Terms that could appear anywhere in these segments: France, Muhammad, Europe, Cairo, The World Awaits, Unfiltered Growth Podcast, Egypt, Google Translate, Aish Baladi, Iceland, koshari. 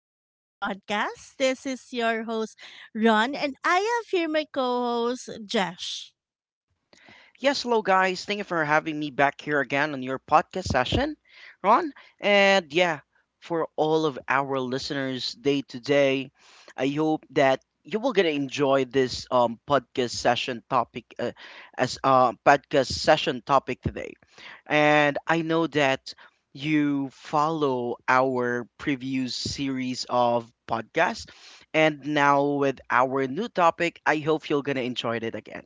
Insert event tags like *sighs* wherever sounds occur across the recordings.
Growth Podcast. This is your host, Ron, and I have here my co host, Jesh. Yes, hello guys. Thank you for having me back here again on your podcast session, Ron. And yeah, for all of our listeners day to day, I hope that you will gonna enjoy this podcast session topic as podcast session topic today. And I know that you follow our previous series of podcasts. And now with our new topic, I hope you're gonna enjoy it again.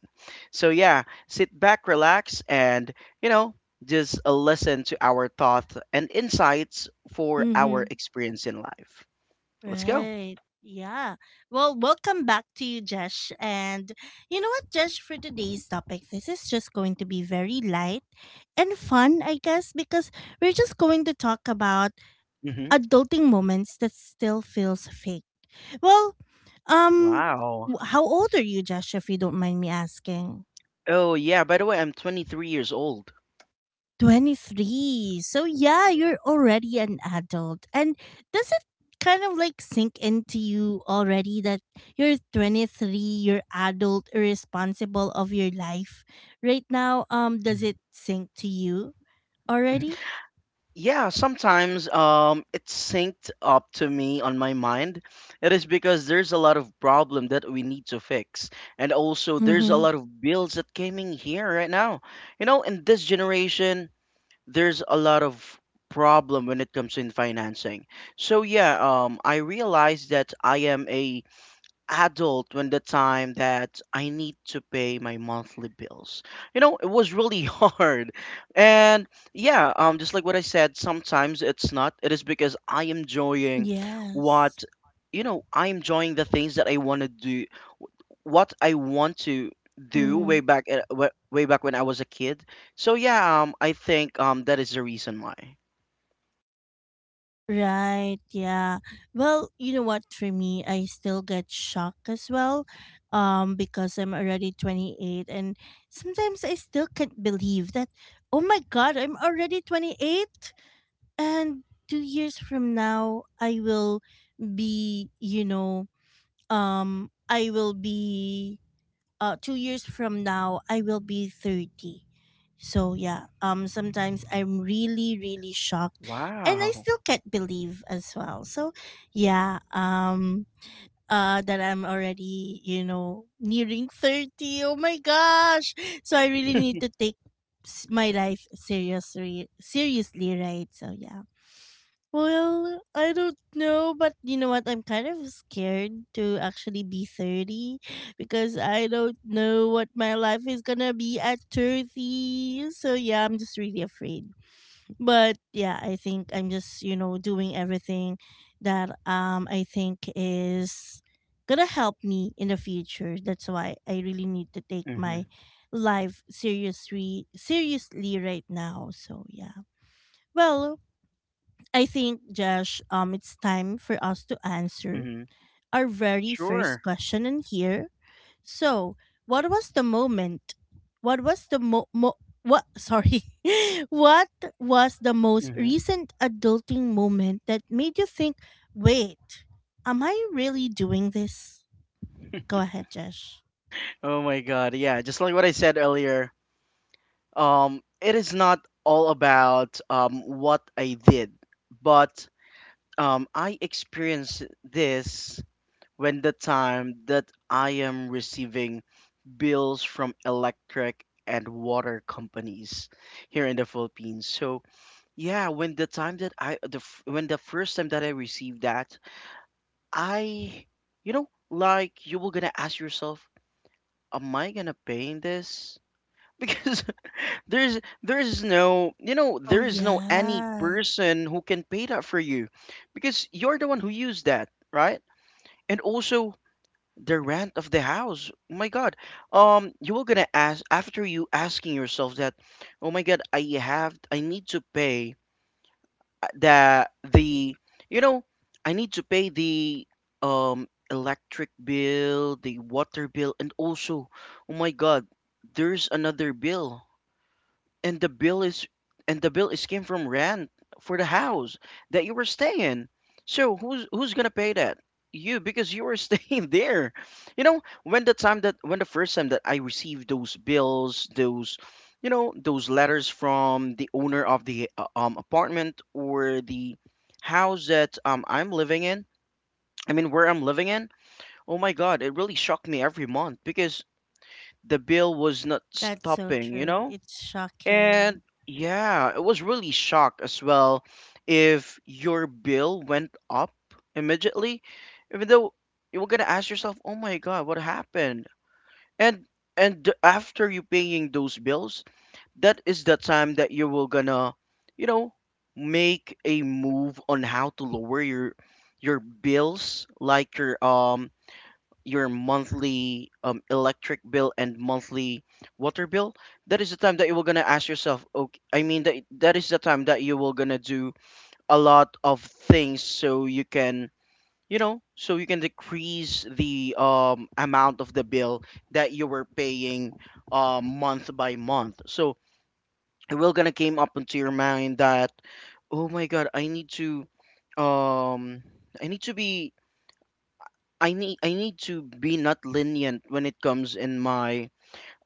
So yeah, sit back, relax, and, you know, just listen to our thoughts and insights for Mm-hmm. our experience in life. Let's go. Right. Yeah. Well, welcome back to you, Jesh. And you know what, Jesh, for today's topic, this is just going to be very light and fun, I guess, because we're just going to talk about Hmm. adulting moments that still feels fake. Well, um, Wow. How old are you, Jesh, if you don't mind me asking? Oh, yeah. By the way, I'm 23 years old. 23. So yeah, you're already an adult. And does it kind of like sink into you already that you're 23, you're adult, irresponsible of your life right now? Does it sink to you already? *laughs* Yeah, sometimes it's synced up to me on my mind. It is because there's a lot of problem that we need to fix, and also there's a Mm-hmm. lot of bills that came in here right now. You know, in this generation, there's a lot of problem when it comes in financing. So yeah, I realized that I am a adult when the time that I need to pay my monthly bills. You know, it was really *laughs* hard. And yeah, just like what I said, sometimes it's not. It is because I am enjoying Yes. what, you know, I'm enjoying the things that I want to do what I want to do Mm-hmm. way back at, way back when I was a kid. So yeah, I think that is the reason why. Right, yeah. Well, you know what, for me, I still get shocked as well because I'm already 28, and sometimes I still can't believe that, oh my god, I'm already 28, and 2 years from now I will be— um I will be 2 years from now, I will be 30. So yeah, sometimes I'm really, really shocked, and I Wow. *laughs* still can't believe as well. So yeah, that I'm already, nearing 30. Oh my gosh! So I really need to take my life seriously, seriously, right? So yeah. Well, I don't know, but you know what? I'm kind of scared to actually be 30 because I don't know what my life is gonna be at 30. So, yeah, I'm just really afraid. But yeah, I think I'm just, you know, doing everything that I think is gonna help me in the future. That's why I really need to take my Mhm. life seriously seriously right now. So, yeah. Well, I think, Josh, it's time for us to answer Mhm. our very first Sure. question in here. So, what was the moment? What was the mo, mo what sorry *laughs* What was the most recent adulting moment that made you think, wait, am I really doing this? Go ahead, Josh. Oh my god, yeah, just like what I said earlier, it is not all about what I did, but I experience this when the time that I am receiving bills from electric and water companies here in the Philippines. So yeah, when the time that when the first time that I received that, I, you know, like you were gonna ask yourself, am I gonna pay in this? *laughs* Because there's no, you know, Oh there is no any yeah, person who can pay that for you because you're the one who used that, right? And also the rent of the house. Oh my god. Um, you were gonna ask after you asking yourself that, oh my god, I have I need to pay the, you know, I need to pay the electric bill, the water bill, and also oh my god, there's another bill and the bill is came from rent for the house that you were staying. So who's gonna pay that? You, because you were *laughs* staying there. You know, when the time that when the first time that I received those bills, those, you know, those letters from the owner of the apartment or the house that I'm living in, I mean where I'm living in, oh my god, it really shocked me every month because the bill was not that's so stopping, you true, know. it's And shocking. yeah, it was really shock as well if your bill went up immediately, even though you were gonna ask yourself, "Oh my God, what happened?" And after you paying those bills, that is the time that you will gonna, you know, make a move on how to lower your bills, like your monthly electric bill and monthly water bill. That is the time that you were gonna ask yourself okay, I mean that, that is the time that you will gonna do a lot of things so you can, you know, so you can decrease the amount of the bill that you were paying month by month. So it will gonna came up into your mind that oh my god I need to um I need to be I need to be not lenient when it comes in my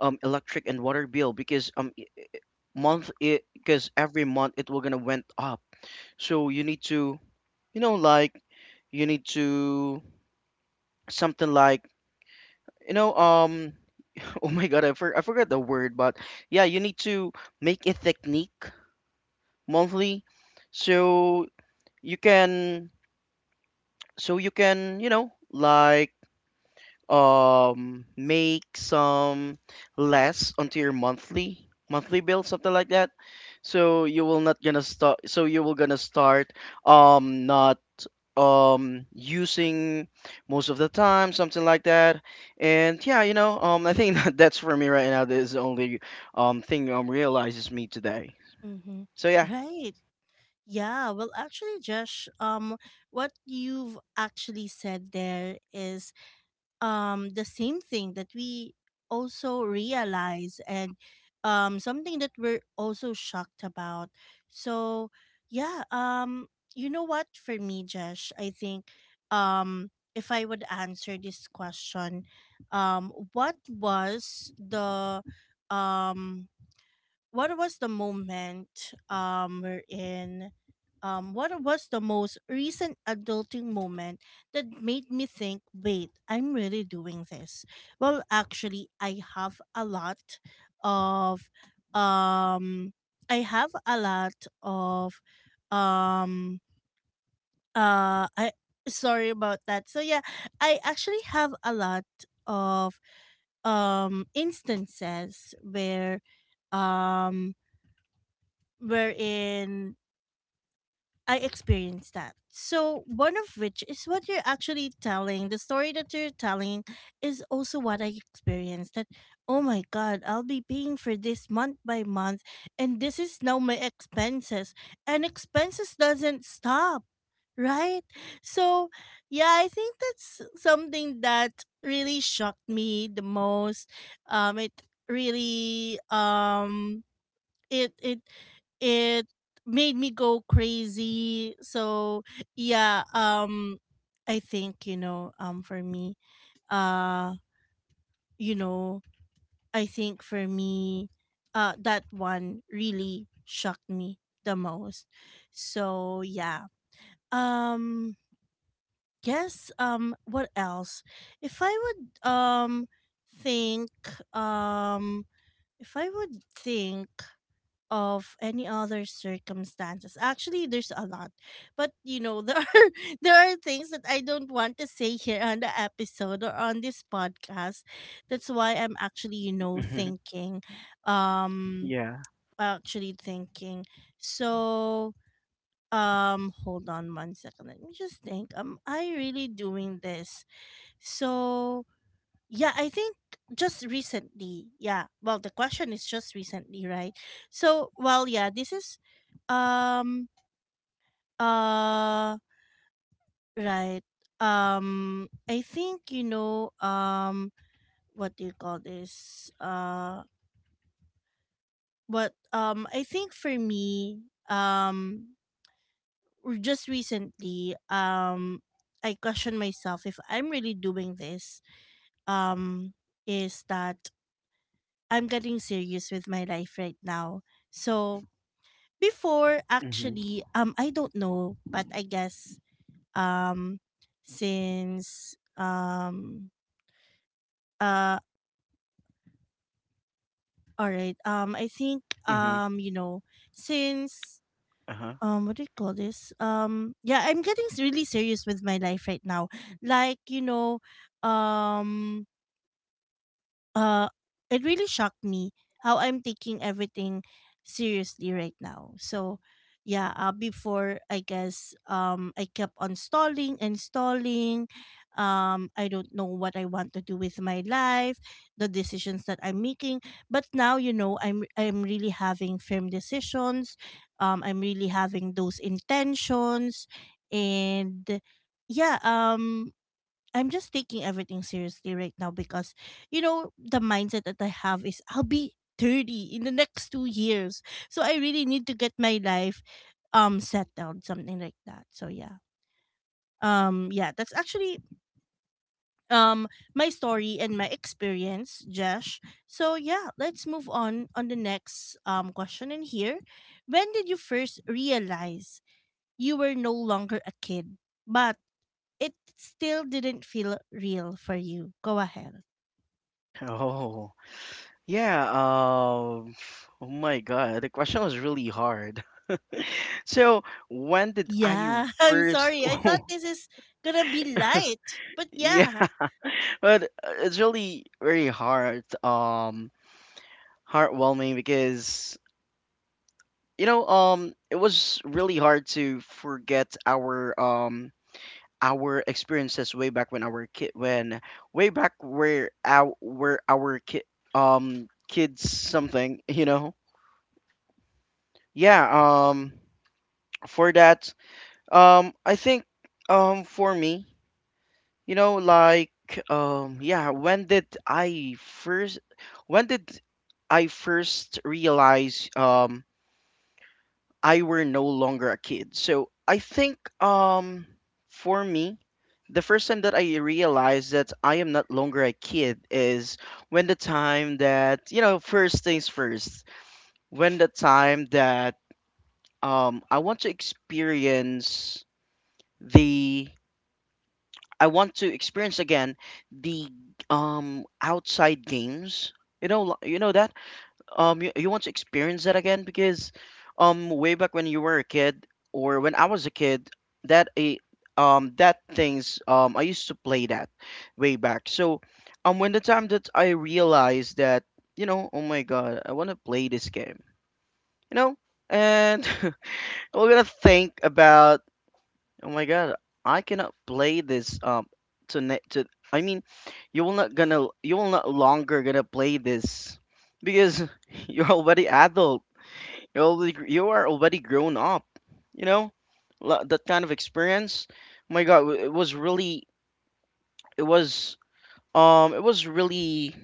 electric and water bill because I- month it because every month it will gonna went up. So you need to, you know, like you need to something like, you know, *laughs* oh my god I forgot the word, but yeah, you need to make a technique monthly, so you can you know, like make some less onto your monthly bill, something like that. So you will gonna start not using most of the time, something like that. And yeah, you know, I think *laughs* that that's for me right now, this is the only thing realizes me today. Mm-hmm. So yeah. Right. Yeah, well, actually, Josh, what you've actually said there is the same thing that we also realize, and something that we're also shocked about. So yeah, you know what? For me, Josh, I think um if I would answer this question, um, what was the um what was the moment um we're in what was the most recent adulting moment that made me think, wait, I'm really doing this? Well, actually, I have a lot of— um I have a lot of um I sorry about that. So yeah, I actually have a lot of instances where, um wherein I experienced that. So, one of which is what you're actually telling. The story that you're telling is also what I experienced, that, oh my God, I'll be paying for this month by month, and this is now my expenses. And expenses doesn't stop, right? So, yeah, I think that's something that really shocked me the most. It really— it it it made me go crazy. So yeah, I think, you know, uh, you know, I think for me, that one really shocked me the most. So yeah. Um yes, what else? If I would think um if I would think of any other circumstances. Actually, there's a lot. But you know, there *laughs* are there are things that I don't want to say here on the episode or on this podcast. That's why I'm actually, you know, Hmm. thinking um Yeah. actually thinking. So, hold on one second. Let me just think. Am I really doing this? So, yeah, I think just recently. Yeah. Well, the question is just recently, right? So, well, yeah, this is— um uh right. I think, you know, what do you call this? What I think for me, um just recently, I question myself if I'm really doing this. Um is that I'm getting serious with my life right now. So before, Hmm. actually, I don't know, but I guess, um since uh all right, I think, Hmm. You know, since, Uh-huh. What do you call this? Yeah, I'm getting really serious with my life right now. Like, you know, um uh it really shocked me how I'm taking everything seriously right now. So yeah, before, I guess, I kept on stalling and stalling. I don't know what I want to do with my life, the decisions that I'm making. But now, you know, I'm really having firm decisions. I'm really having those intentions, and yeah, I'm just taking everything seriously right now because, you know, the mindset that I have is I'll be 30 in the next 2 years. So I really need to get my life settled, something like that. So yeah. Yeah, that's actually, um my story and my experience, Josh. So yeah, let's move on the next question in here. When did you first realize you were no longer a kid, but it still didn't feel real for you? Go ahead. *laughs* Oh, yeah, *sighs* oh my God, the question was really hard. *laughs* So, when did I Yeah, *laughs* I'm first? sorry. *laughs* I thought Oh, this is gonna be light. But yeah, yeah. but it's really very hard, heartwarming because you know, it was really hard to forget our experiences way back where our kid, kids, something *laughs* you know. Yeah, um for that, um, I think for me, you know, like, yeah, when did I first realize I were no longer a kid. So I think for me, the first time that I realized that I am not longer a kid is when the time that, you know, first things first, when the time that I want to experience the I want to experience again the outside games. You know, you know that you want to experience that again because way back when you were a kid or when I was a kid, that a that things I used to play that way back. So when the time that I realized that, you know, oh my god, I want to play this game, you know, and *laughs* we're gonna think about oh my god, I cannot play this to ne- to I mean, you will not longer gonna play this because *laughs* you're already adult. You're already, you are already grown up. You know, that kind of experience. Oh my god, it was really, it was it was really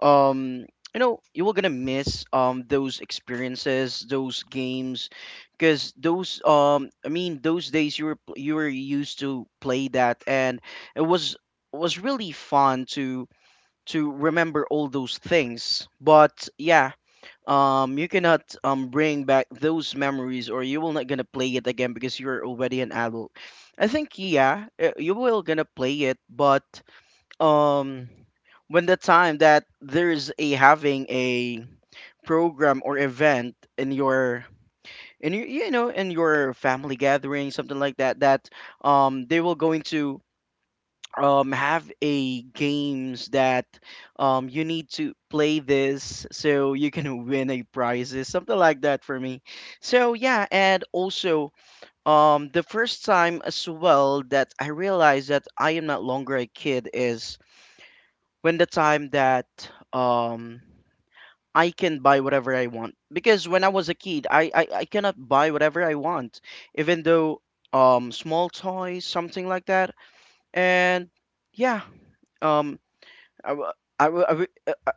um you know, you were gonna miss those experiences, those games, because those I mean those days you were used to play that, and it was really fun to remember all those things. But yeah, you cannot bring back those memories or you will not gonna play it again because you're already an adult. I think yeah, you will gonna play it, but um when the time that there's a having a program or event in your in your, you know, in your family gathering, something like that, that they will going to have a games that you need to play this so you can *laughs* win a prizes, something like that for me. So yeah. And also the first time as well that I realized that I am not longer a kid is when the time that um I can buy whatever I want. Because when I was a kid, I cannot buy whatever I want, even though small toys, something like that. And yeah, um I, w- I, w- I w-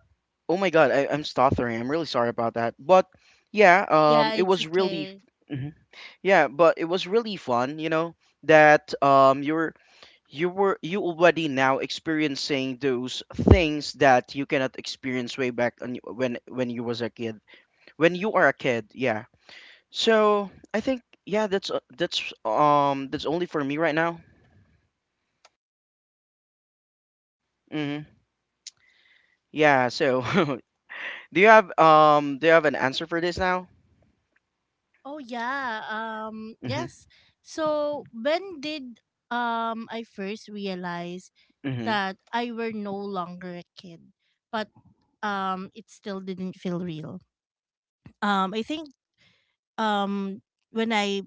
oh my God, I'm stuttering. I'm really sorry about that. But yeah, Yeah, it it's was really, okay. mhm, yeah, but it was really fun, you know, that you're you were you already now experiencing those things that you cannot experience way back on, when you was a kid, when you are a kid, yeah. So I think yeah, that's only for me right now. Hmm. Yeah. So *laughs* do you have an answer for this now? Oh yeah. Um Mm-hmm yes. So when did I first realize mm-hmm that I were no longer a kid, but it still didn't feel real. I think, um when I—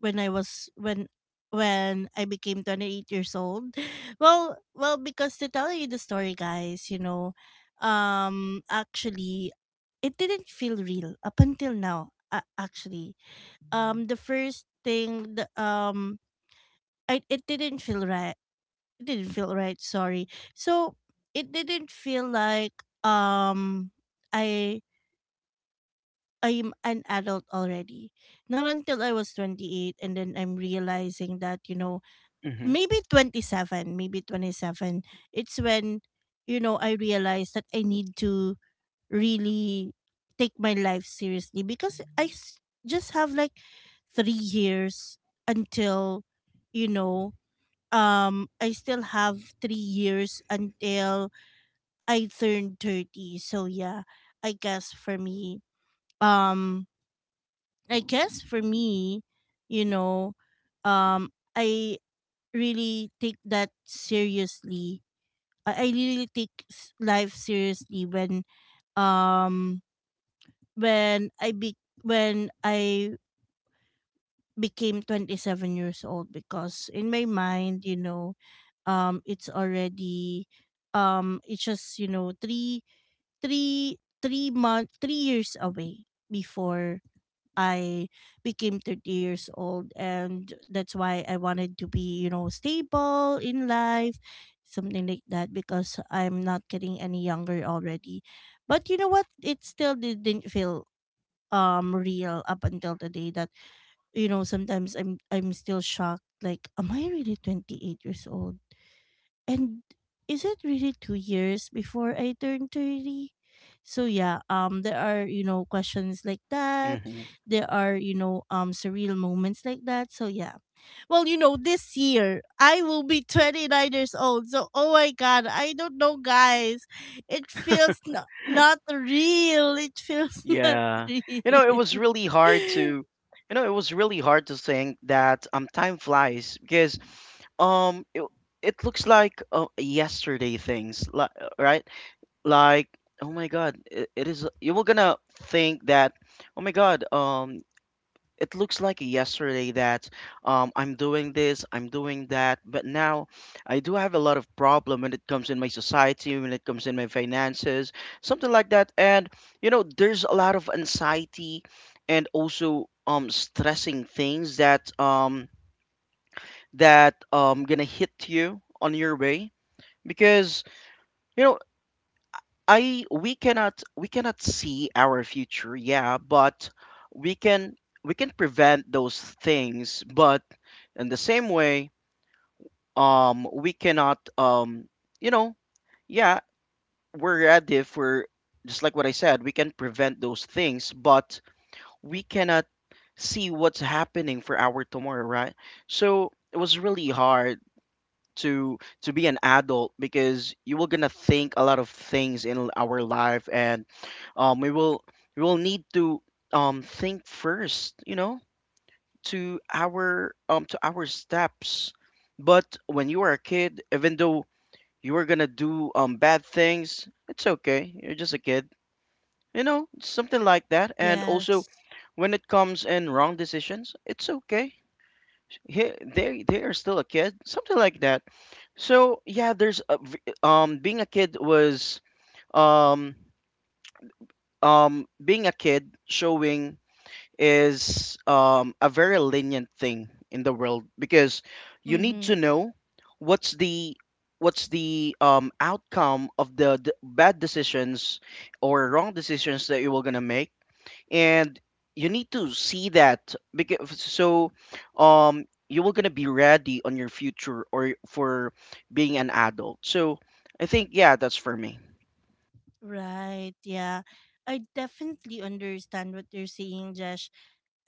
when I was when I became 28 years old. *laughs* Well, because to tell you the story, guys, you know, actually, it didn't feel real up until now, actually. The first thing, the, I it didn't feel right. It didn't feel right, sorry. So it didn't feel like, I I'm an adult already. Not until I was 28, and then I'm realizing that, you know, mm-hmm maybe 27, it's when, you know, I realized that I need to really take my life seriously because just have like 3 years until, you know, I still have 3 years until I turn 30. So yeah, i guess for me um I guess for me, you know, um I really take that seriously. I really take life seriously when, um when I be when I became 27 years old because in my mind, you know, it's already— it's just, you know, 3 3 3 month 3 years away before I became 30 years old, and that's why I wanted to be, you know, stable in life, something like that because I'm not getting any younger already. But you know what? It still didn't feel real up until the day that, you know, sometimes I'm still shocked, like, am I really 28 years old? And is it really 2 years before I turn 30? So yeah, there are, you know, questions like that. mm-hmm There are, you know, surreal moments like that. So yeah. Well, you know, this year I will be *laughs* 29 years old. So oh my god, I don't know guys. It feels not, not real. It feels *laughs* not Yeah. You know, it real. was really hard to, *laughs* you know, it was really hard to think that time flies because um it, it looks like yesterday things, right? Like, oh my God, it is you were gonna think that, oh my God, it looks like yesterday that I'm doing this, I'm doing that, but now I do have a lot of problem when it comes in my society, when it comes in my finances, something like that. And you know, there's a lot of anxiety and also stressing things that gonna hit you on your way because you know I we cannot see our future, yeah, but we can prevent those things, but in the same way, we cannot you know, yeah, we're ready for, just like what I said, we can prevent those things, but we cannot see what's happening for our tomorrow, right? So it was really hard to be an adult because you will gonna think a lot of things in our life. And um we will we will need to think first, to our steps. But when you are a kid, even though you are gonna do bad things, it's okay, you're just a kid, something like that. And also Yes. when it comes in wrong decisions, it's okay, they are still a kid, something like that. So yeah, there's a, being a kid was um being a kid showing is a very lenient thing in the world, because you need to Mm-hmm. know what's the what's the outcome of the bad decisions or wrong decisions that you were gonna make. And you need to see that, because so you will gonna be ready on your future, or for being an adult. So I think, yeah, that's for me. Right. Yeah. I definitely understand what you're saying, Jesh.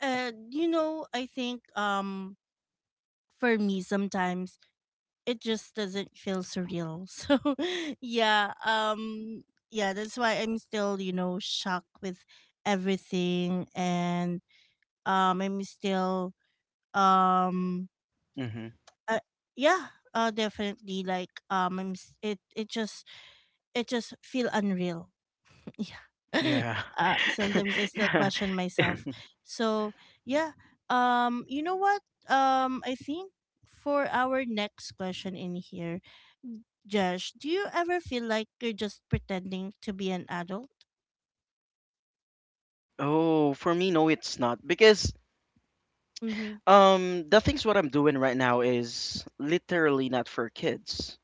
You know, I think, for me, sometimes it just doesn't feel surreal. *laughs* So yeah, yeah, that's why I'm still, you know, shocked with everything, and I'm still, um Hmm. uh, yeah, definitely like, it just feel unreal, yeah. *laughs* Yeah. Uh, *laughs* sometimes I still yeah. question myself. So yeah. You know what? I think for our next question in here, Josh, do you ever feel like you're just pretending to be an adult? Oh, for me, no, it's not, because Mm-hmm. The things what I'm doing right now is literally not for kids,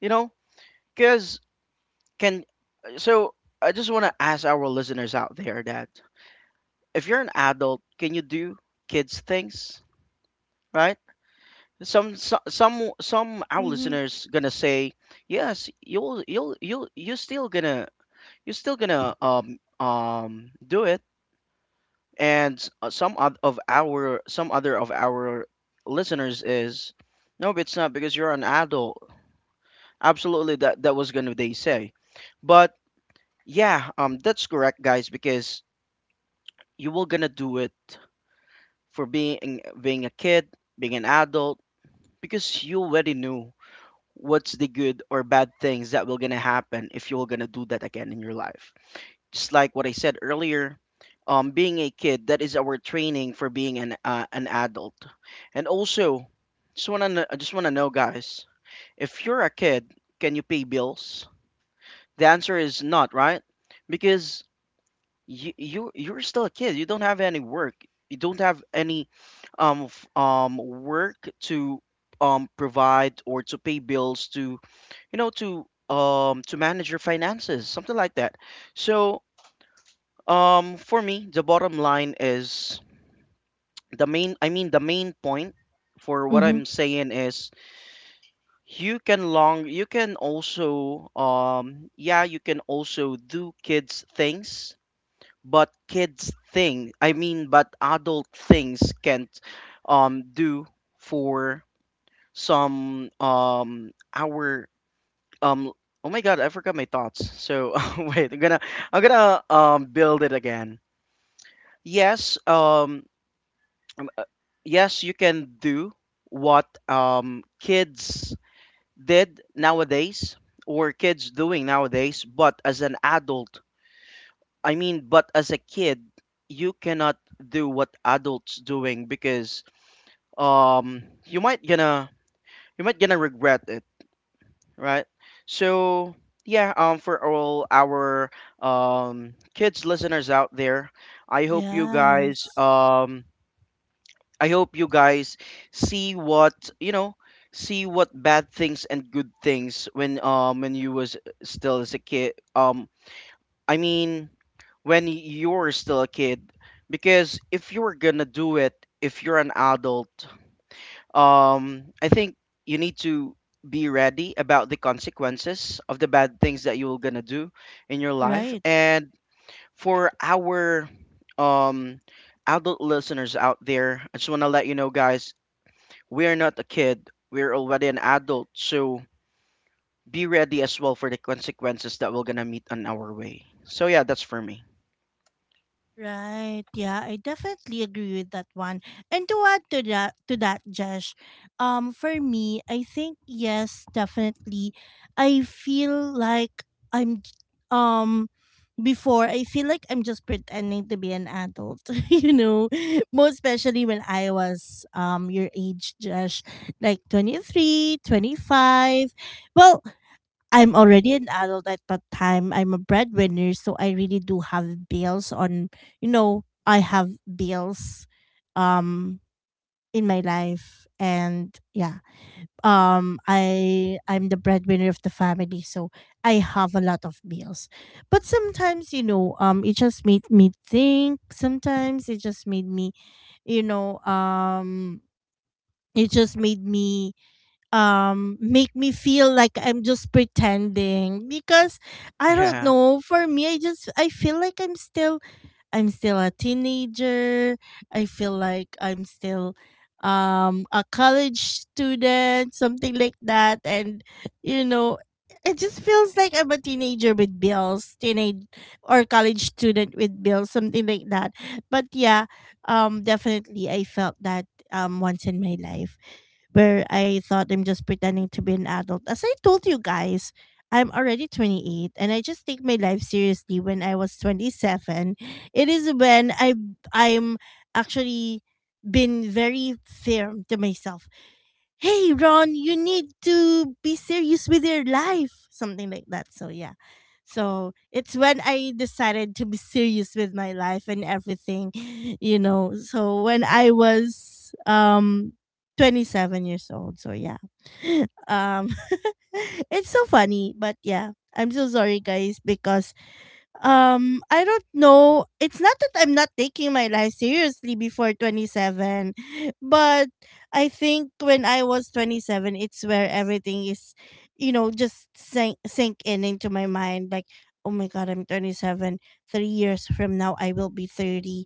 you know. Because can, so I just want to ask our listeners out there that if you're an adult, can you do kids things, right? Some, so, some our Mm-hmm. listeners gonna say yes, you'll you're still gonna, you're still gonna do it. And some other of our listeners is no, but it's not because you're an adult. Absolutely that was gonna, they say. But yeah, that's correct, guys, because you will gonna do it for being a kid, being an adult, because you already knew what's the good or bad things that will gonna happen if you're gonna do that again in your life. Just like what I said earlier, being a kid, that is our training for being an adult. And also, just want to I just want to know, guys, if you're a kid, can you pay bills? The answer is not, right? Because you you're still a kid, you don't have any work. You don't have any work to provide or to pay bills to, you know, to manage your finances, something like that. So for me the bottom line is, the main I mean the main point for what Mm-hmm. I'm saying is you can long, you can also yeah, you can also do kids things, but kids thing, I mean, but adult things can't do for some our Um. Oh my God, I forgot my thoughts. So *laughs* wait, I'm gonna, build it again. Yes. Um, Yes, you can do what kids did nowadays, or kids doing nowadays, but as an adult, I mean, but as a kid, you cannot do what adults doing, because um you might gonna you might gonna regret it, right? So yeah, for all our kids listeners out there, I hope you guys Yes. um I hope you guys see what, you know, see what bad things and good things when you was still as a kid, I mean when you were still a kid. Because if you were gonna do it, if you're an adult, I think you need to be ready about the consequences of the bad things that you're gonna do in your life. Right. And for our um adult listeners out there, I just want to let you know, guys, we're not a kid, we're already an adult. So be ready as well for the consequences that we're gonna meet on our way. So yeah, that's for me. Right. Yeah, I definitely agree with that one. And to add to that, Jesh, for me, I think, yes, definitely. I feel like I'm j- um before— I feel like I'm just pretending to be an adult, *laughs* you know. Most especially when I was your age, Jesh, like 23, 25. Well, I'm already an adult at that time. I'm a breadwinner, so I really do have bills on, you know, I have bills um in my life, and yeah. I'm the breadwinner of the family, so I have a lot of bills. But sometimes, you know, it just made me think. Sometimes it just made me, you know, um it just made me make me feel like I'm just pretending because I don't Yeah. *laughs* know, for me, I just I feel like I'm still, I'm still a teenager. I feel like I'm still a college student, something like that. And you know, it just feels like I'm a teenager with bills, teenage or college student with bills, something like that. But yeah, definitely I felt that once in my life where I thought I'm just pretending to be an adult. As I told you guys, I'm already 28 and I just take my life seriously when I was 27. It is when I I'm actually been very firm to myself. Hey Ron, you need to be serious with your life, something like that. So yeah. So it's when I decided to be serious with my life and everything, *sighs* you know. So when I was 27 years old. So yeah. *laughs* Um *laughs* it's so funny, but yeah. I'm so sorry guys because I don't know. It's not that I'm not taking my life seriously before 27, but I think when I was 27, it's where everything is, you know, just sink in into my mind. Like, oh my God, I'm 27. 3 years from now, I will be 30.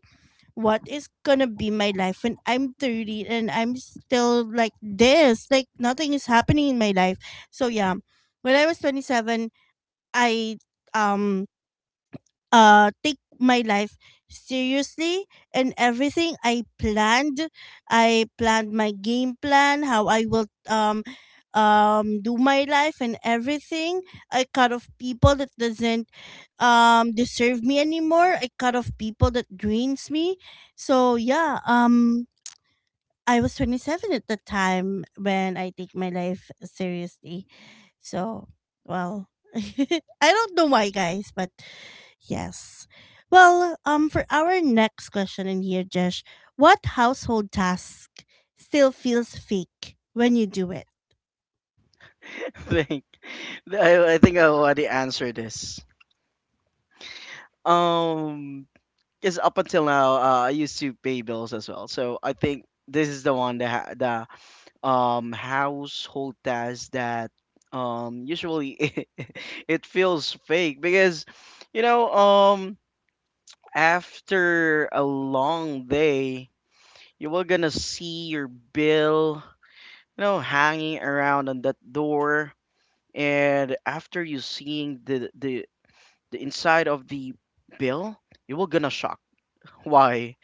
What is gonna be my life when I'm 30 and I'm still like this? Like, nothing is happening in my life. So, yeah, when I was 27, I, um, take my life seriously and everything I planned. I planned my game plan, how I will do my life and everything. I cut off people that doesn't deserve me anymore. I cut off people that drains me. So yeah, I was 27 at the time when I take my life seriously. So, well, *laughs* I don't know why guys, but yes. Well, for our next question in here, Jesh, what household task still feels fake when you do it? I think I think I already answered this. Um, because up until now, I used to pay bills as well. So I think this is the one that the household task that usually *laughs* it feels fake, because you know, after a long day you will gonna see your bill, you know, hanging around on that door. And after you seeing the inside of the bill, you will gonna shock. Why?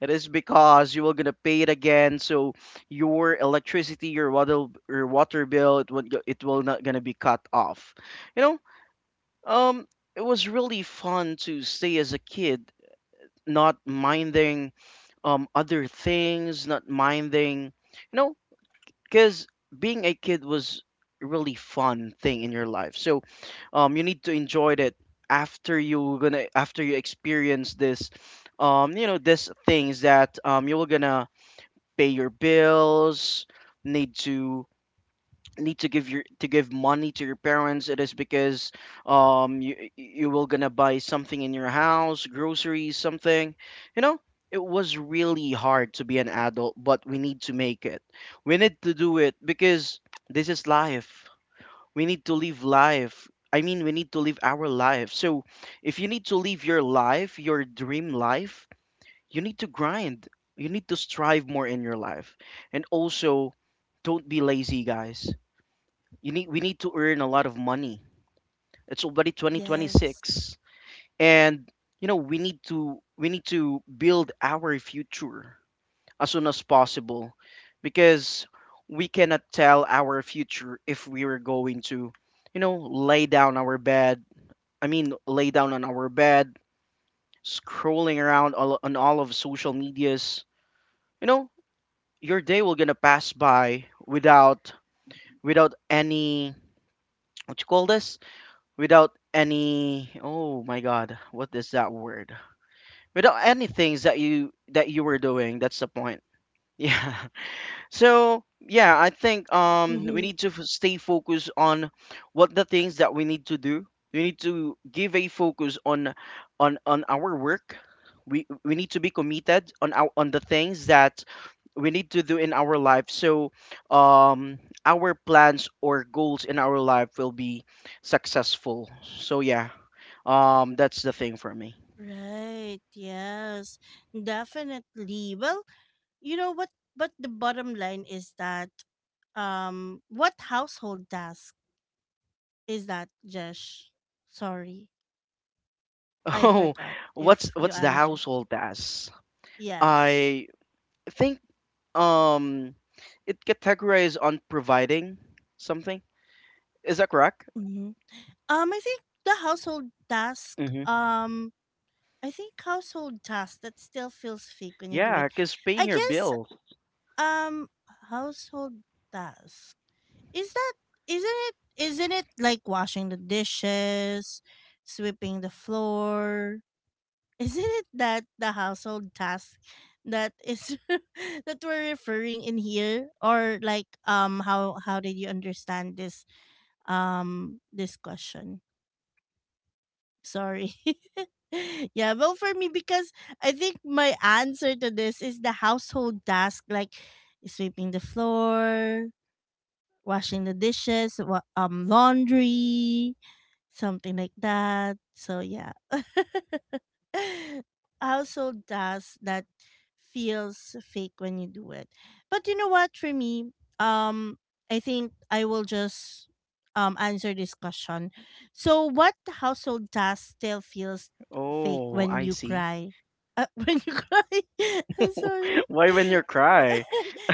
It is because you were gonna pay it again, so your electricity, your water bill, it will not gonna be cut off. You know, um, it was really fun to stay as a kid, not minding other things, not minding, you know, because being a kid was a really fun thing in your life. So, you need to enjoy it after you experience this, you know, this things that you were gonna pay your bills, need to need to give your, to give money to your parents. It is because you will gonna buy something in your house, groceries, something. You know, it was really hard to be an adult, but we need to make it. We need to do it, because this is life. We need to live life. I mean, we need to live our life. So, if you need to live your life, your dream life, you need to grind, you need to strive more in your life. And also, don't be lazy, guys. You need We need to earn a lot of money. It's already Yes. 2026. And you know, we need to build our future as soon as possible. Because we cannot tell our future if we are going to, you know, lay down our bed, I mean, lay down on our bed, scrolling around all, on all of social medias, you know, your day will gonna pass by without, without any, what you call this, without any, oh my God, what is that word, without any things that you were doing. That's the point. Yeah. *laughs* So yeah, I think we Mm-hmm. need to stay focused on what the things that we need to do. We need to give a focus on on our work. We need to be committed on our, on the things that we need to do in our life. So um our plans or goals in our life will be successful. So yeah, that's the thing for me. Right. Yes. Definitely. Well, you know what? But the bottom line is that, what household task is that, Jesh? Sorry, *laughs* I Oh, forgot if you what's the answered. household task? Yes. I think um it categorizes on providing something. Is that correct? Mm-hmm. I think the household task. Mm-hmm. Um, I think household task that still feels fake when you do it. Yeah, because paying I your guess bills. um household task. Is that isn't it like washing the dishes, sweeping the floor? *laughs* Isn't it that the household task that is *laughs* that we're referring in here? Or like how did you understand this this question? Sorry. *laughs* Yeah, well, for me, because I think my answer to this is the household task, like sweeping the floor, washing the dishes, laundry, something like that. So yeah. *laughs* *laughs* Household tasks that feels fake when you do it. But you know what, for me, um, I think I will just answer this question. So, what household task still feels fake Oh, when I you see. cry? *laughs* When you cry, *laughs* I'm sorry. *laughs* Why *laughs* when you cry?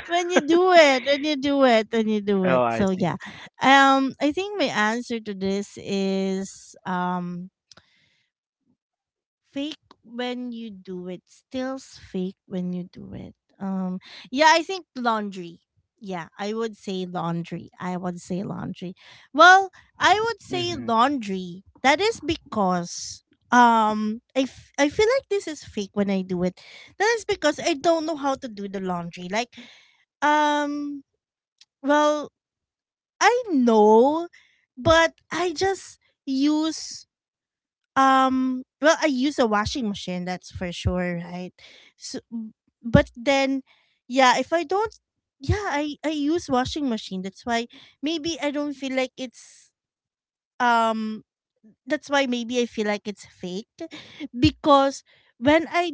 When you do it, when you do Oh, it. I So yeah, see. I think my answer to this is fake fake when you do it. um yeah, I think laundry. I would say laundry. Well, I would say Mm-hmm. laundry. That is because I, I feel like this is fake when I do it. That is because I don't know how to do the laundry, like um well, I know, but I just use well, I use a washing machine, that's for sure, right? So, but then yeah, if I don't yeah I use washing machine, that's why maybe I don't feel like it's um that's why maybe I feel like it's faked. Because when I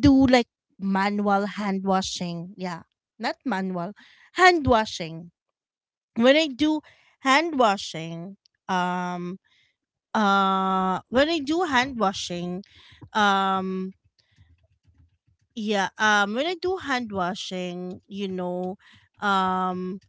do like manual hand washing, yeah, not manual hand washing, when I do hand washing um when I do hand washing, um yeah when I do hand washing, you know, um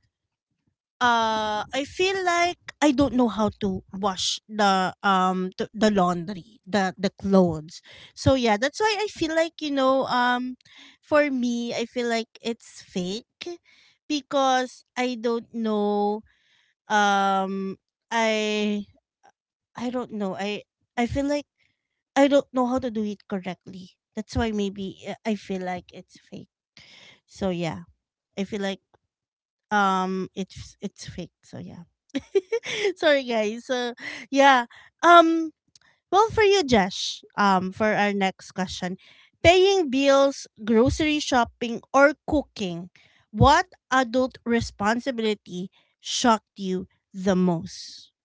I feel like I don't know how to wash the the laundry, the clothes. So yeah, that's why I feel like, you know, for me, I feel like it's fake because I don't know um i I don't know, I feel like I don't know how to do it correctly. That's why maybe I feel like it's fake. So yeah, I feel like it's fake. So yeah. *laughs* Sorry guys. So yeah. Um well, for you Josh, for our next question, paying bills, grocery shopping, or cooking, what adult responsibility shocked you the most?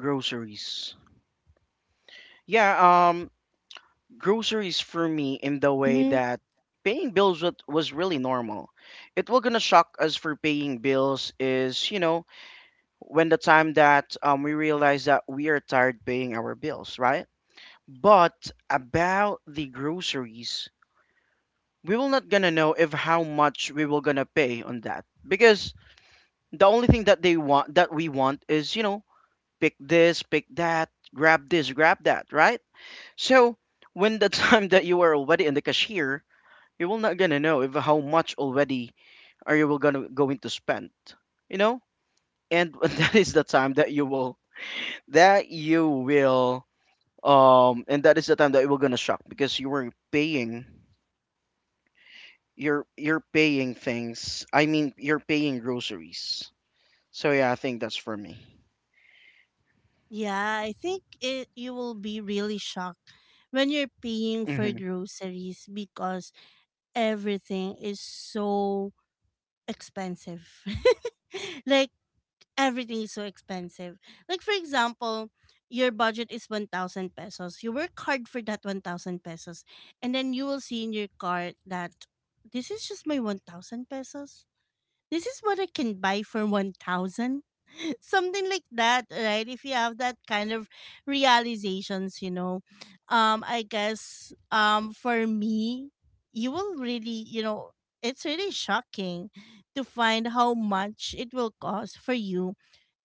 Groceries. Yeah, um, groceries for me in the way Mm-hmm. that paying bills was really normal. It will gonna shock us for paying bills is, you know, when the time that we realize that we are tired paying our bills, right? But about the groceries, we will not gonna know if how much we will gonna pay on that, because the only thing that they want that we want is, you know, pick this, pick that, grab this, grab that, right? So when the *laughs* time that you are already in the cashier, you will not gonna know if how much already are, you will gonna going to spend, you know. And *laughs* that is the time that you will and that is the time that you will gonna shock, because you were paying, you're paying things, I mean, you're paying groceries. So yeah, I think that's for me. Yeah, I think it, you will be really shocked when you're paying for Hmm. groceries because everything is so expensive. *laughs* Like everything is so expensive. Like for example, your budget is 1,000 pesos. You work hard for that 1,000 pesos, and then you will see in your cart that this is just my 1,000 pesos. This is what I can buy for 1,000, something like that, right? If you have that kind of realizations, you know, I guess, for me, you will really, you know, it's really shocking to find how much it will cost for you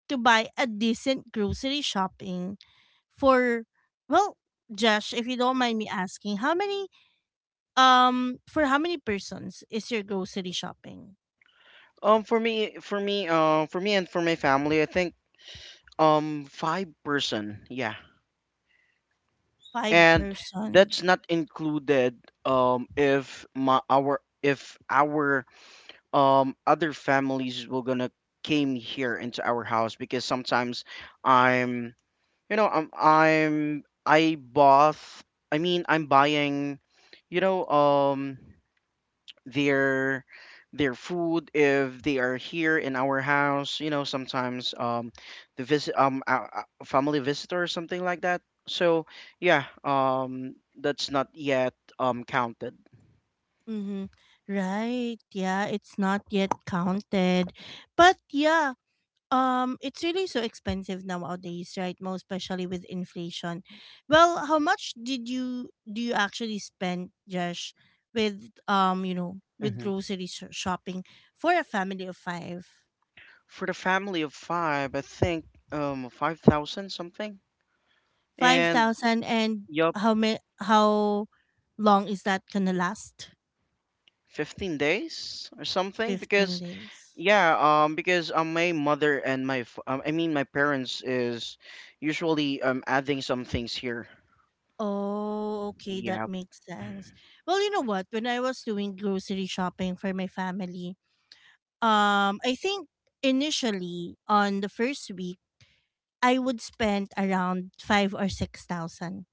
to buy a decent grocery shopping for, well, Josh, if you don't mind me asking, how many for how many persons is your grocery shopping? For me and for my family, I think five person, yeah. Five And person. that's not included if my our if our other families were gonna came here into our house, because sometimes I'm you know I'm I bought, I mean, I'm buying, you know, their their food if they are here in our house, you know, sometimes the visit, family visitor or something like that. So yeah, that's not yet counted. Mm-hmm. Right. Yeah, it's not yet counted. But yeah, it's really so expensive nowadays, right? Most especially with inflation. Well, how much did you do you actually spend, Josh, with you know, with Hmm. grocery shopping for a family of 5? For the family of five, I think 5,000 something. And 5,000 and yup. How long is that going to last? 15 days or something, 15 because days. yeah, because my mother and my I mean, my parents is usually adding some things here. Oh, okay, that Yeah. makes sense. Well, you know what? When I was doing grocery shopping for my family, I think initially on the first week, I would spend around five or six thousand.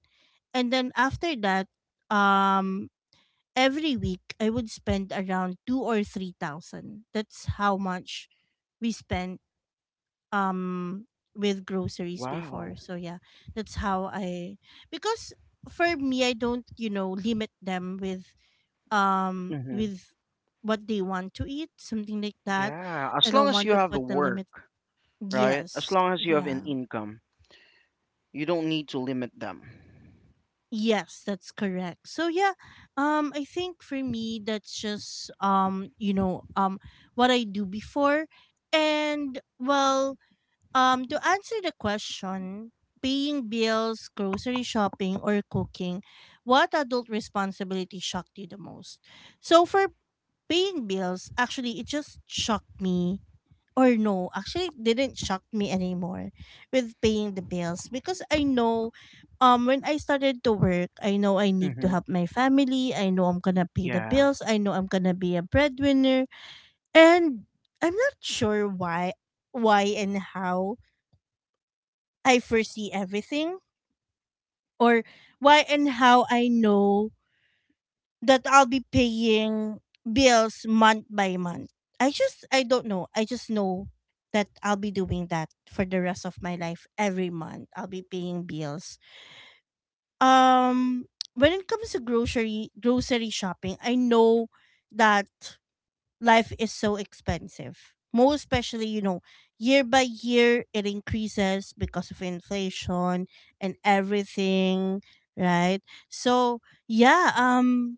And then after that, um, every week I would spend around two or three thousand. That's how much we spend um with groceries before. Wow. So yeah, that's how I, because for me I don't, you know, limit them with um Hmm. with what they want to eat, something like that. Yeah. I As long don't as want you to have the put the work, limit. right? As Yes. long as you have an Yeah. income, you don't need to limit them. Yes, that's correct. So yeah, I think for me that's just you know, what I do before. And well, to answer the question, paying bills, grocery shopping, or cooking, what adult responsibility shocked you the most? So for paying bills, actually, it just shocked me. Or no, actually, it didn't shock me anymore with paying the bills because I know, when I started to work, I know I need to Hmm. help my family. I know I'm gonna pay the Yeah. bills. I know I'm gonna be a breadwinner, and I'm not sure why and how I foresee everything, or why and how I know that I'll be paying bills month by month. I just I don't know. I just know that I'll be doing that for the rest of my life. Every month, I'll be paying bills. Um when it comes to grocery shopping, I know that life is so expensive. Most especially, you know, year by year it increases because of inflation and everything, right? So yeah,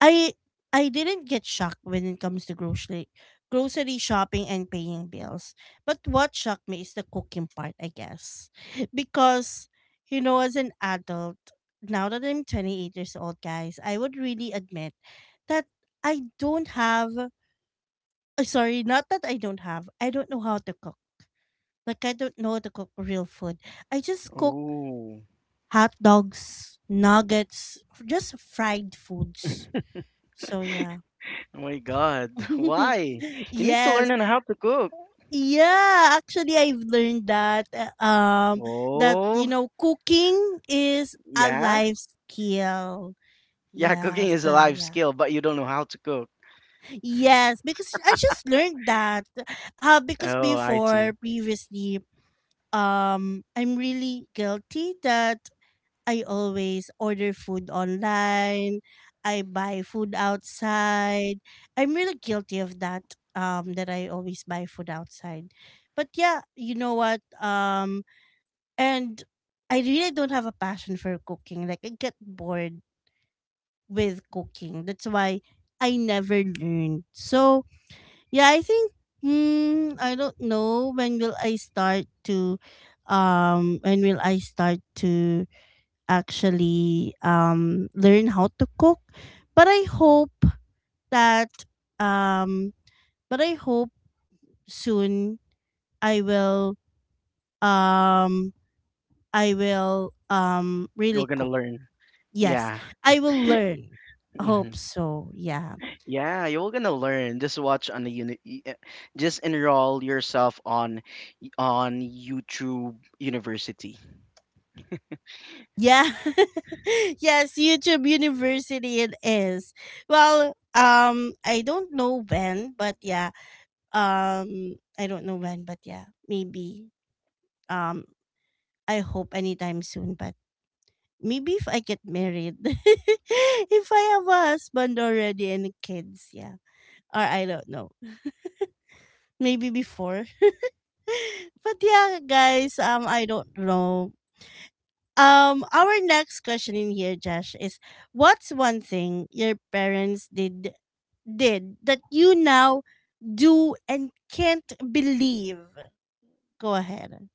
I I didn't get shocked when it comes to grocery shopping and paying bills. But what shocked me is the cooking part, I guess, *laughs* because you know, as an adult, now that I'm 28 years old, guys, I would really admit that I don't have sorry, not that I don't have. I don't know how to cook. Like I don't know how to cook real food. I just cook Oh. hot dogs, nuggets, just fried foods. So yeah. Oh my God. *laughs* *laughs* Why? You need to learn Yes. on how to cook. Yeah, actually I've learned that that you Oh. know cooking is a Yeah. life skill. Yeah. Yeah, Cooking is a so life yeah. skill, but you don't know how to cook. Yes, because I just learned that because Oh, I before, see. previously, I'm really guilty that I always order food online. I buy food outside. I'm really guilty of that, that I always buy food outside. But yeah, you know what, and I really don't have a passion for cooking. Like I get bored with cooking. That's why I never learned. So yeah, I think mm, I don't know when will I start to um when will I start to actually learn how to cook. But I hope that um but I hope soon I will um You're really gonna cook. learn. Yes, Yeah. I will learn. Hope Hmm. so. Yeah. Yeah. You're gonna learn. Just watch on the unit. Just enroll yourself on YouTube University. Yeah. *laughs* Yes, YouTube University it is. Well, I don't know when, but yeah. I don't know when, but yeah. Maybe um I hope anytime soon, but maybe if I get married. *laughs* If I have a husband already and kids, yeah. Or I don't know. Maybe before. *laughs* But yeah, guys, I don't know. Our next question in here, Josh, is what's one thing your parents did that you now do and can't believe? Go ahead.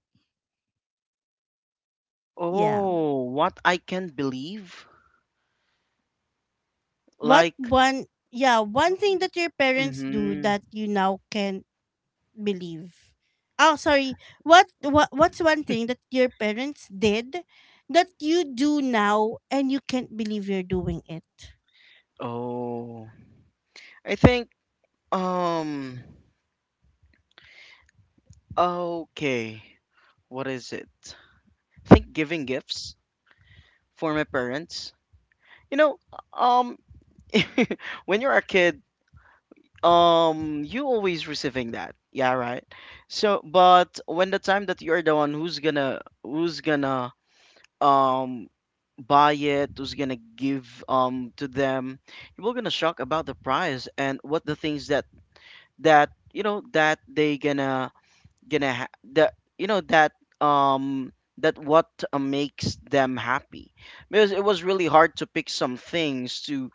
Yeah. Oh, what I can believe? What Like, one, yeah, one thing that your parents do mm-hmm. that you now can't believe. Oh, sorry. What what's one thing that your parents did that you do now and you can't believe you're doing it? Oh, I think, um, okay, what is it? I think giving gifts for my parents. You know, um, *laughs* when you're a kid, you always receiving that. Yeah, right. So, but when the time that you're the one who's gonna um buy it, who's gonna give to them, we're gonna shock about the price and what the things that you know that they gonna that you know that um that what makes them happy, because it was really hard to pick some things to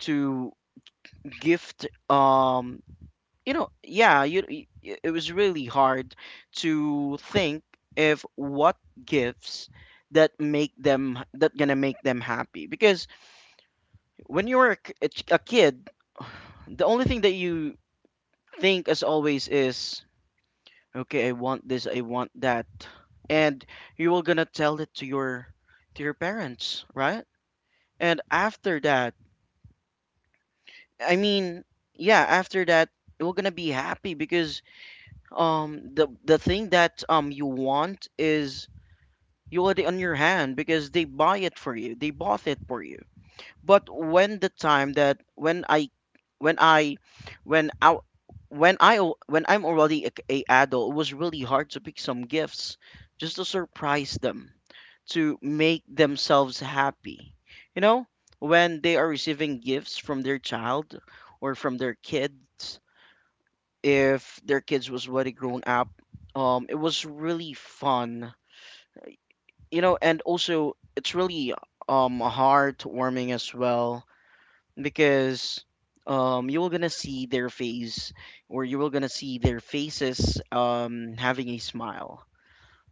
to gift. Yeah, you it was really hard to think if what gifts that make them, that gonna make them happy, because when you were a k- a ch- a kid, the only thing that you think as always is okay, I want this, I want that, and you were gonna tell it to your parents, right? And after that, I mean, yeah, after that, we're gonna be happy because the thing that you want is you already on your hand, because they buy it for you, they bought it for you. But when the time that when i when i when when I'm already a adult, it was really hard to pick some gifts just to surprise them, to make themselves happy, you know, when they are receiving gifts from their child or from their kids, if their kids was already grown up. It was really fun, you know, and also it's really heartwarming as well, because you were gonna see their face, or you were gonna see their faces having a smile.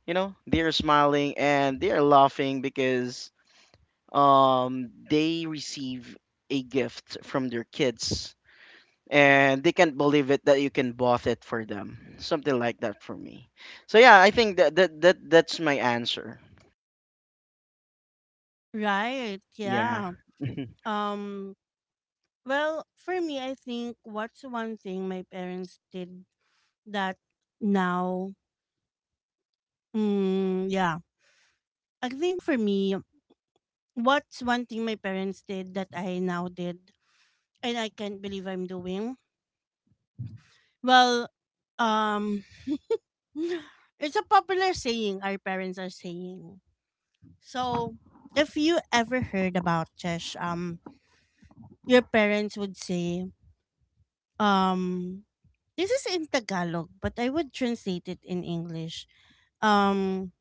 You know, they're smiling and they're laughing because they receive a gift from their kids, and they can't believe it that you can bought it for them. Something like that for me. So yeah, I think that's my answer. Right. Yeah. Yeah. *laughs* Um Well, for me, I think what's one thing my parents did that now, mm, yeah. I think for me, what's one thing my parents did that I now did and I can't believe I'm doing? Well, um, *sighs* it's a popular saying our parents are saying. So, if you ever heard about Chesh, your parents would say, um, this is in Tagalog, but I would translate it in English. Um,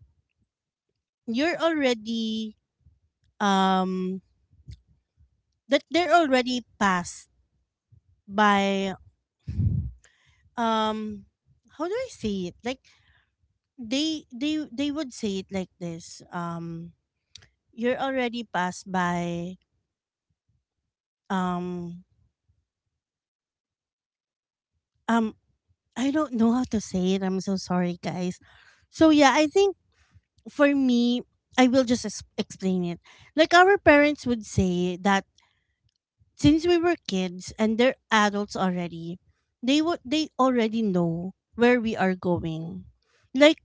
you're already um that they're already passed by um how do I say it? Like they would say it like this. You're already passed by um um I don't know how to say it. I'm so sorry guys. So yeah, I think for me I will just explain it. Like our parents would say that since we were kids and they're adults already, they already know where we are going. Like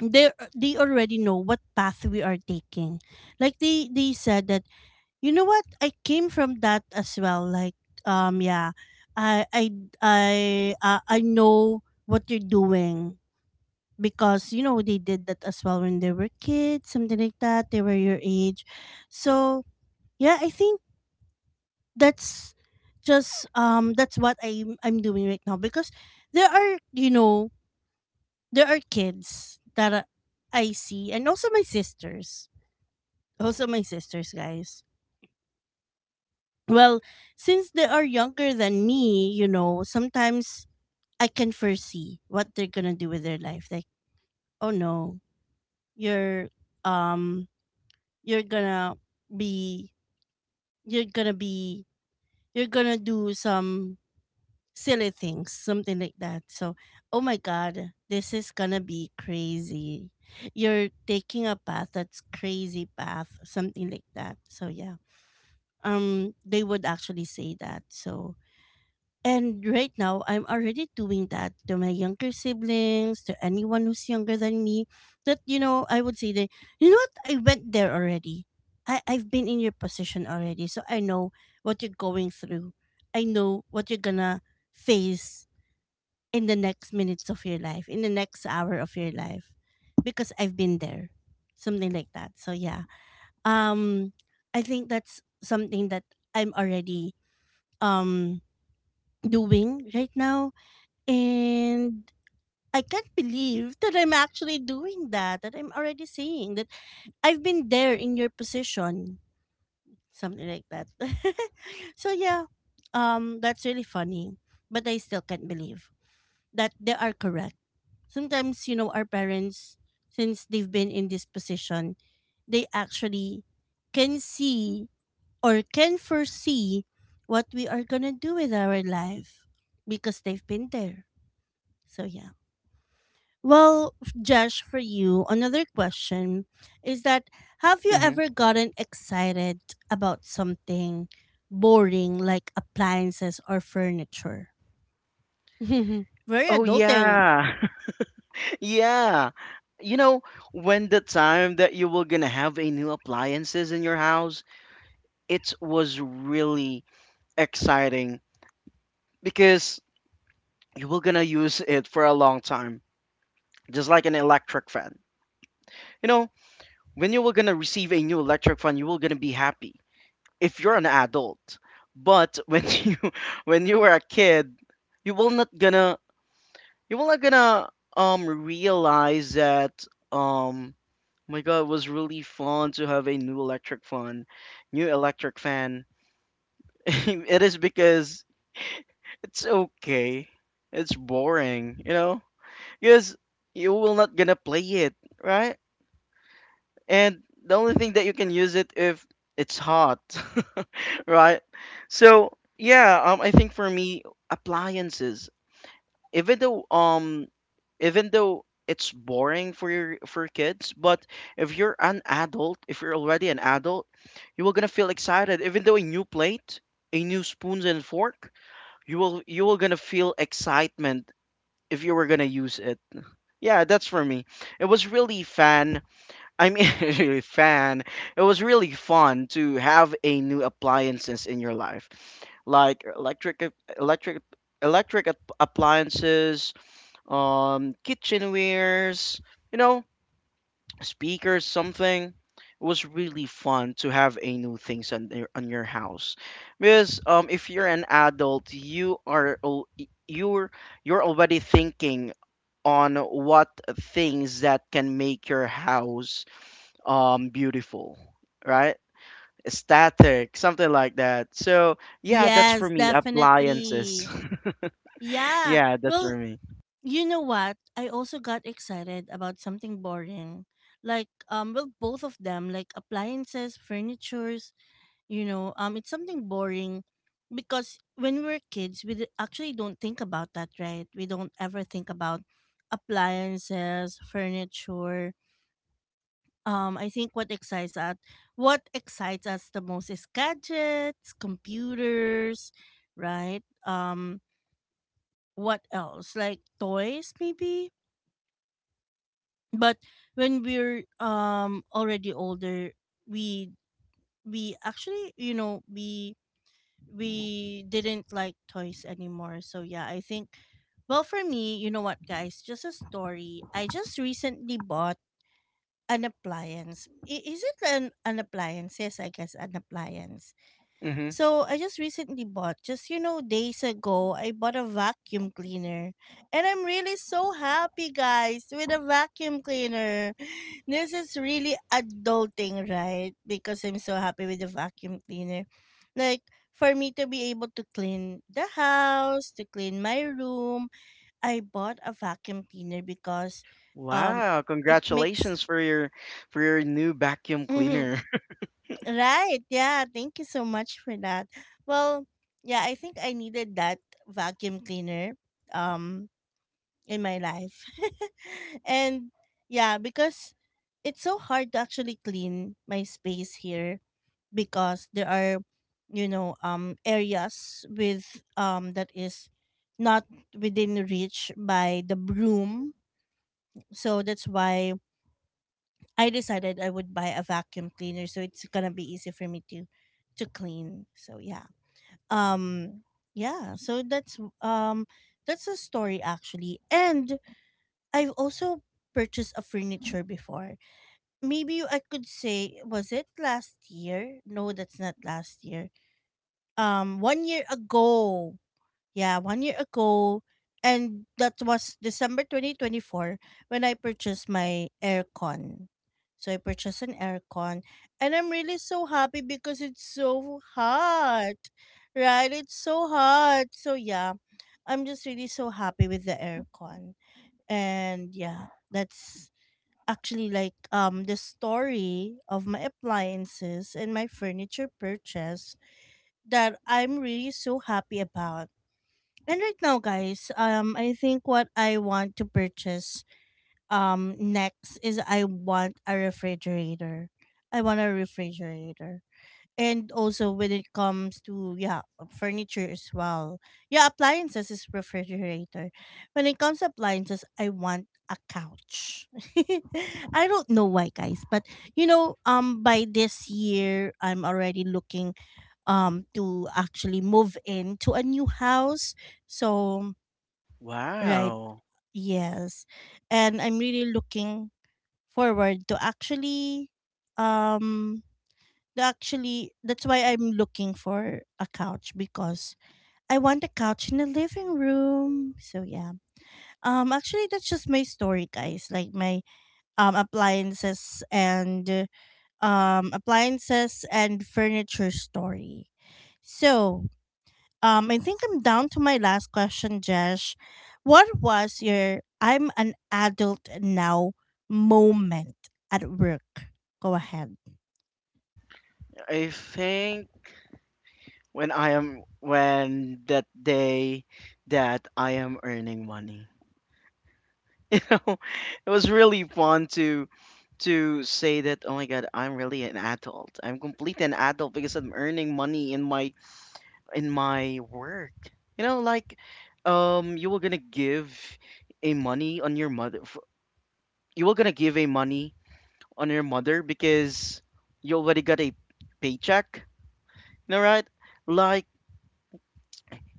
they already know what path we are taking. Like they said that you know what I came from that as well. Like yeah, I I I I know what you're doing because you know they did that as well when they were kids, something like that. They were your age, so yeah, I think that's just that's what I'm doing right now because there are you know there are kids that I see and also my sisters guys well since they are younger than me you know sometimes I can foresee what they're gonna do with their life. Like oh no, you're um you're gonna be you're gonna be you're gonna do some silly things, something like that. So, oh my God, this is gonna be crazy. You're taking a path that's crazy path, something like that. So yeah, they would actually say that. So and right now, I'm already doing that to my younger siblings, to anyone who's younger than me. That you know, I would say that you know what, I went there already. I've been in your position already, so I know what you're going through. I know what you're gonna face in the next minutes of your life, in the next hour of your life, because I've been there, something like that. So yeah, um, I think that's something that I'm already um doing right now, and I can't believe that I'm actually doing that. That I'm already saying that I've been there in your position, something like that. *laughs* So yeah, that's really funny, but I still can't believe that they are correct sometimes. You know, our parents, since they've been in this position, they actually can see or can foresee what we are gonna do with our life because they've been there. So yeah. Well Josh, for you another question is that, have you hmm ever gotten excited about something boring like appliances or furniture? *laughs* Very Oh adulting. yeah. *laughs* Yeah. You know, when the time that you were gonna have a new appliances in your house, it was really exciting, because you were gonna use it for a long time, just like an electric fan. You know, when you were gonna receive a new electric fan, you were gonna be happy if you're an adult. But when *laughs* you were a kid, you will not gonna you will not gonna realize that um oh my god, it was really fun to have a new electric fan, new electric fan. *laughs* It is because it's okay. It's boring, you know? Because you will not gonna play it, right? And the only thing that you can use it if it's hot. *laughs* Right? So yeah, I think for me, appliances, even though um, even though it's boring for your for kids, but if you're an adult, if you're already an adult, you will gonna feel excited. Even though a new plate, a new spoons and fork, you will gonna feel excitement if you were gonna use it. Yeah, that's for me. It was really fun. *laughs* Really fan. It was really fun to have a new appliances in your life, like electric, electric ap- appliances, kitchenwares, you know, speakers, something. It was really fun to have a new things on your house, because if you're an adult, you're you're already thinking on what things that can make your house beautiful, right, static, something like that. So yeah, that's for Yes, me, definitely. appliances. *laughs* Yeah. Yeah, that's for Well, me. you know what? I also got excited about something boring. Like well both of them, like appliances, furnitures, you know, it's something boring because when we were kids we actually don't think about that, right? We don't ever think about appliances, furniture. I think what excites us the most is gadgets, computers, right? What else? Like toys maybe? But when we're already older, we actually, you know, we didn't like toys anymore. So yeah, I think well for me, you know what guys, just a story. I just recently bought an appliance. Is it an appliance? Yes, I guess an appliance. Hmm So I just recently bought, just you know, days ago, I bought a vacuum cleaner. And I'm really so happy, guys, with a vacuum cleaner. *sighs* This is really adulting, right? Because I'm so happy with the vacuum cleaner. Like, for me to be able to clean the house, to clean my room, I bought a vacuum cleaner because um Wow, it makes congratulations for your new vacuum *laughs* cleaner. Right. Yeah. Thank you so much for that. Well, yeah, I think I needed that vacuum cleaner um in my life. *laughs* And yeah, because it's so hard to actually clean my space here because there are you know areas with that is not within reach by the broom. So that's why I decided I would buy a vacuum cleaner so it's gonna be easy for me to clean. So yeah. Um yeah, so that's a story actually. And I've also purchased a furniture before. Maybe I could say was it last year? No, that's not last year. 1 year ago. Yeah, 1 year ago, and that was December 2024 when I purchased my aircon. So I purchased an aircon, and I'm really so happy because it's so hot, right? It's so hot. So yeah, I'm just really so happy with the aircon, and yeah, that's actually like the story of my appliances and my furniture purchase that I'm really so happy about. And right now, guys, I think what I want to purchase next is I want a refrigerator. I want a refrigerator. And also when it comes to yeah, furniture as well. Yeah, appliances is refrigerator. When it comes to appliances, I want a couch. *laughs* I don't know why guys, but you know, by this year I'm already looking to actually move into a new house. So *laughs* Right. Wow. Yes. And I'm really looking forward to actually um that's why I'm looking for a couch because I want a couch in the living room. So yeah. Actually that's just my story guys. Like my appliances and furniture story. So I think I'm down to my last question, Jesh. What was your I'm an adult now moment at work? Go ahead. I think when that day that I am earning money, *laughs* you know, it was really fun to say that oh my god, I'm really an adult, I'm complete an adult, because I'm earning money in my work. You know, like you were gonna give a money on your you were gonna give a money on your mother, because you already got a paycheck. You know, right? Like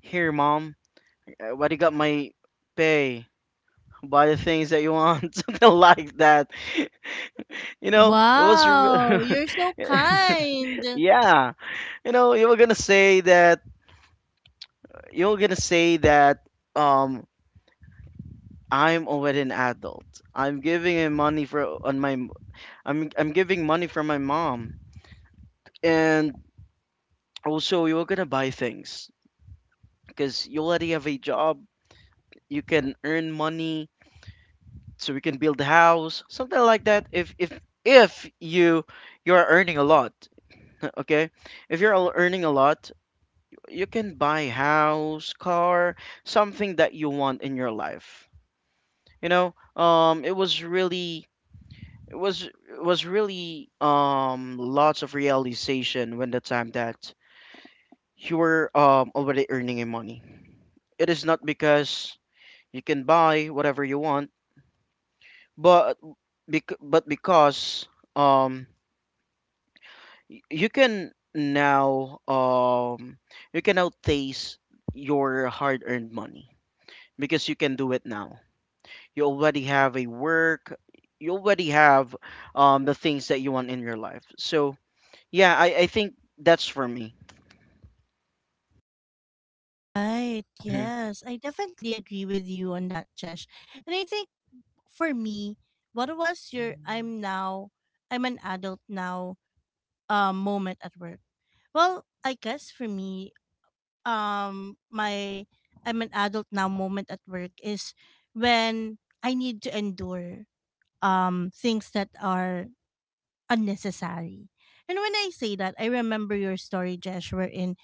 here mom, I already got my pay. Buy the things that you want, *laughs* something like that. You know, it was re- Wow, you're so *laughs* kind. Yeah. You know, you were gonna say that um I'm already an adult. I'm giving him money for on my I'm giving money from my mom. And also you're gonna buy things because you already have a job. You can earn money so we can build a house, something like that. If you you're earning a lot, *laughs* okay? If you're al- earning a lot, you can buy house, car, something that you want in your life. You know, it was really. It was really lots of realization when the time that you were already earning your money. It is not because you can buy whatever you want, but but because um y- you can now um you can now taste your hard-earned money, because you can do it now. You already have a work. You already have the things that you want in your life. So yeah, I think that's for me. Right. Mm-hmm. Yes. I definitely agree with you on that, Chesh. And I think for me, what was your I'm an adult now moment at work? Well, I guess for me, my I'm an adult now moment at work is when I need to endure things that are unnecessary. And when I say that, I remember your story, Jesh, wherein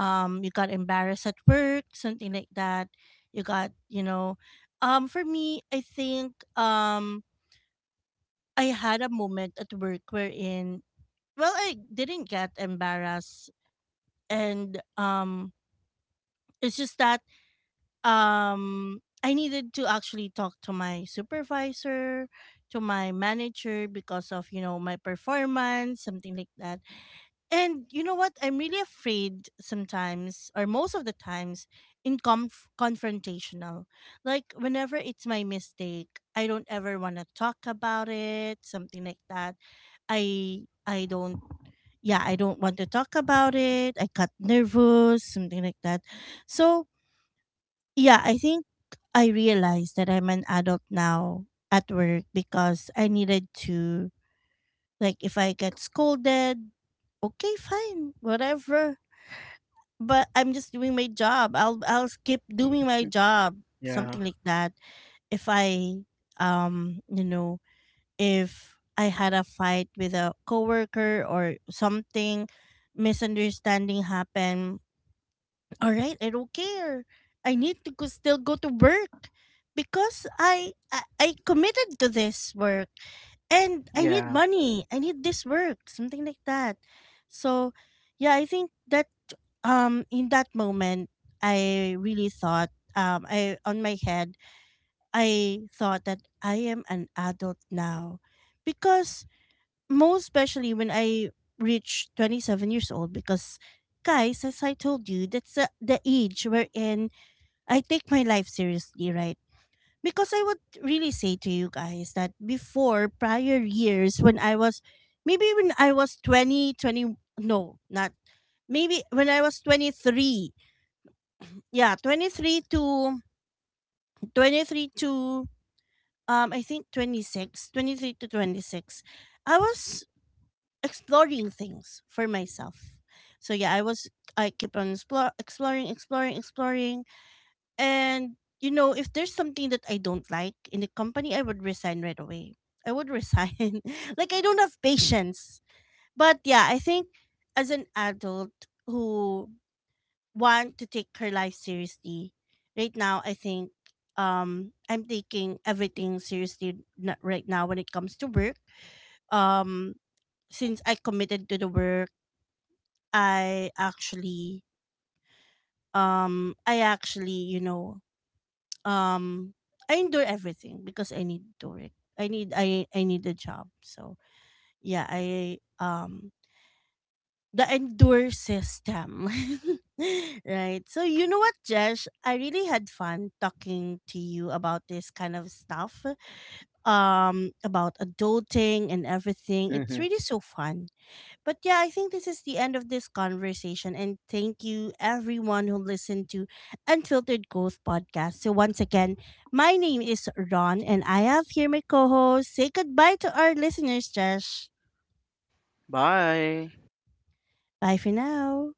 you got embarrassed at work, something like that. You got, you know, for me, I think I had a moment at work wherein well, I didn't get embarrassed and it's just that I needed to actually talk to my supervisor, to my manager because of, you know, my performance, something like that. And you know what? I'm really afraid sometimes, or most of the times, in confrontational. Like, whenever it's my mistake, I don't ever want to talk about it, something like that. I don't, yeah, I don't want to talk about it. I got nervous, something like that. So, yeah, I think I realized that I'm an adult now at work because I needed to, like, if I get scolded, okay, fine, whatever, but I'm just doing my job. I'll keep doing my job, Yeah. something like that. If I you know if I had a fight with a coworker or something, misunderstanding happened, all right, I don't care, I need to go, still go to work because I committed to this work and I need Yeah. money, I need this work, something like that. So yeah, I think that in that moment I really thought I on my head I thought that I am an adult now because most especially when I reach 27 years old because guys as I told you that's the age wherein I take my life seriously, right? Because I would really say to you guys that before prior years when I was maybe when I was 20, 20, no not maybe when I was 23. Yeah, 23 to I think 23 to 26 I was exploring things for myself. So yeah, I was I keep on exploring, and you know if there's something that I don't like in the company, I would resign right away. I would resign. *laughs* Like I don't have patience. But yeah, I think as an adult who want to take her life seriously, right now I think I'm taking everything seriously right now when it comes to work. Um since I committed to the work I actually I actually, you know, um I endure everything because I need to work. I need a job. So yeah, I the endure system. *laughs* Right. So you know what, Jesh? I really had fun talking to you about this kind of stuff. About adulting and everything. Mm-hmm. It's really so fun. But yeah, I think this is the end of this conversation. And thank you, everyone who listened to Unfiltered Growth Podcast. So, once again, my name is Ron, and I have here my co host. Say goodbye to our listeners, Josh. Bye. Bye for now.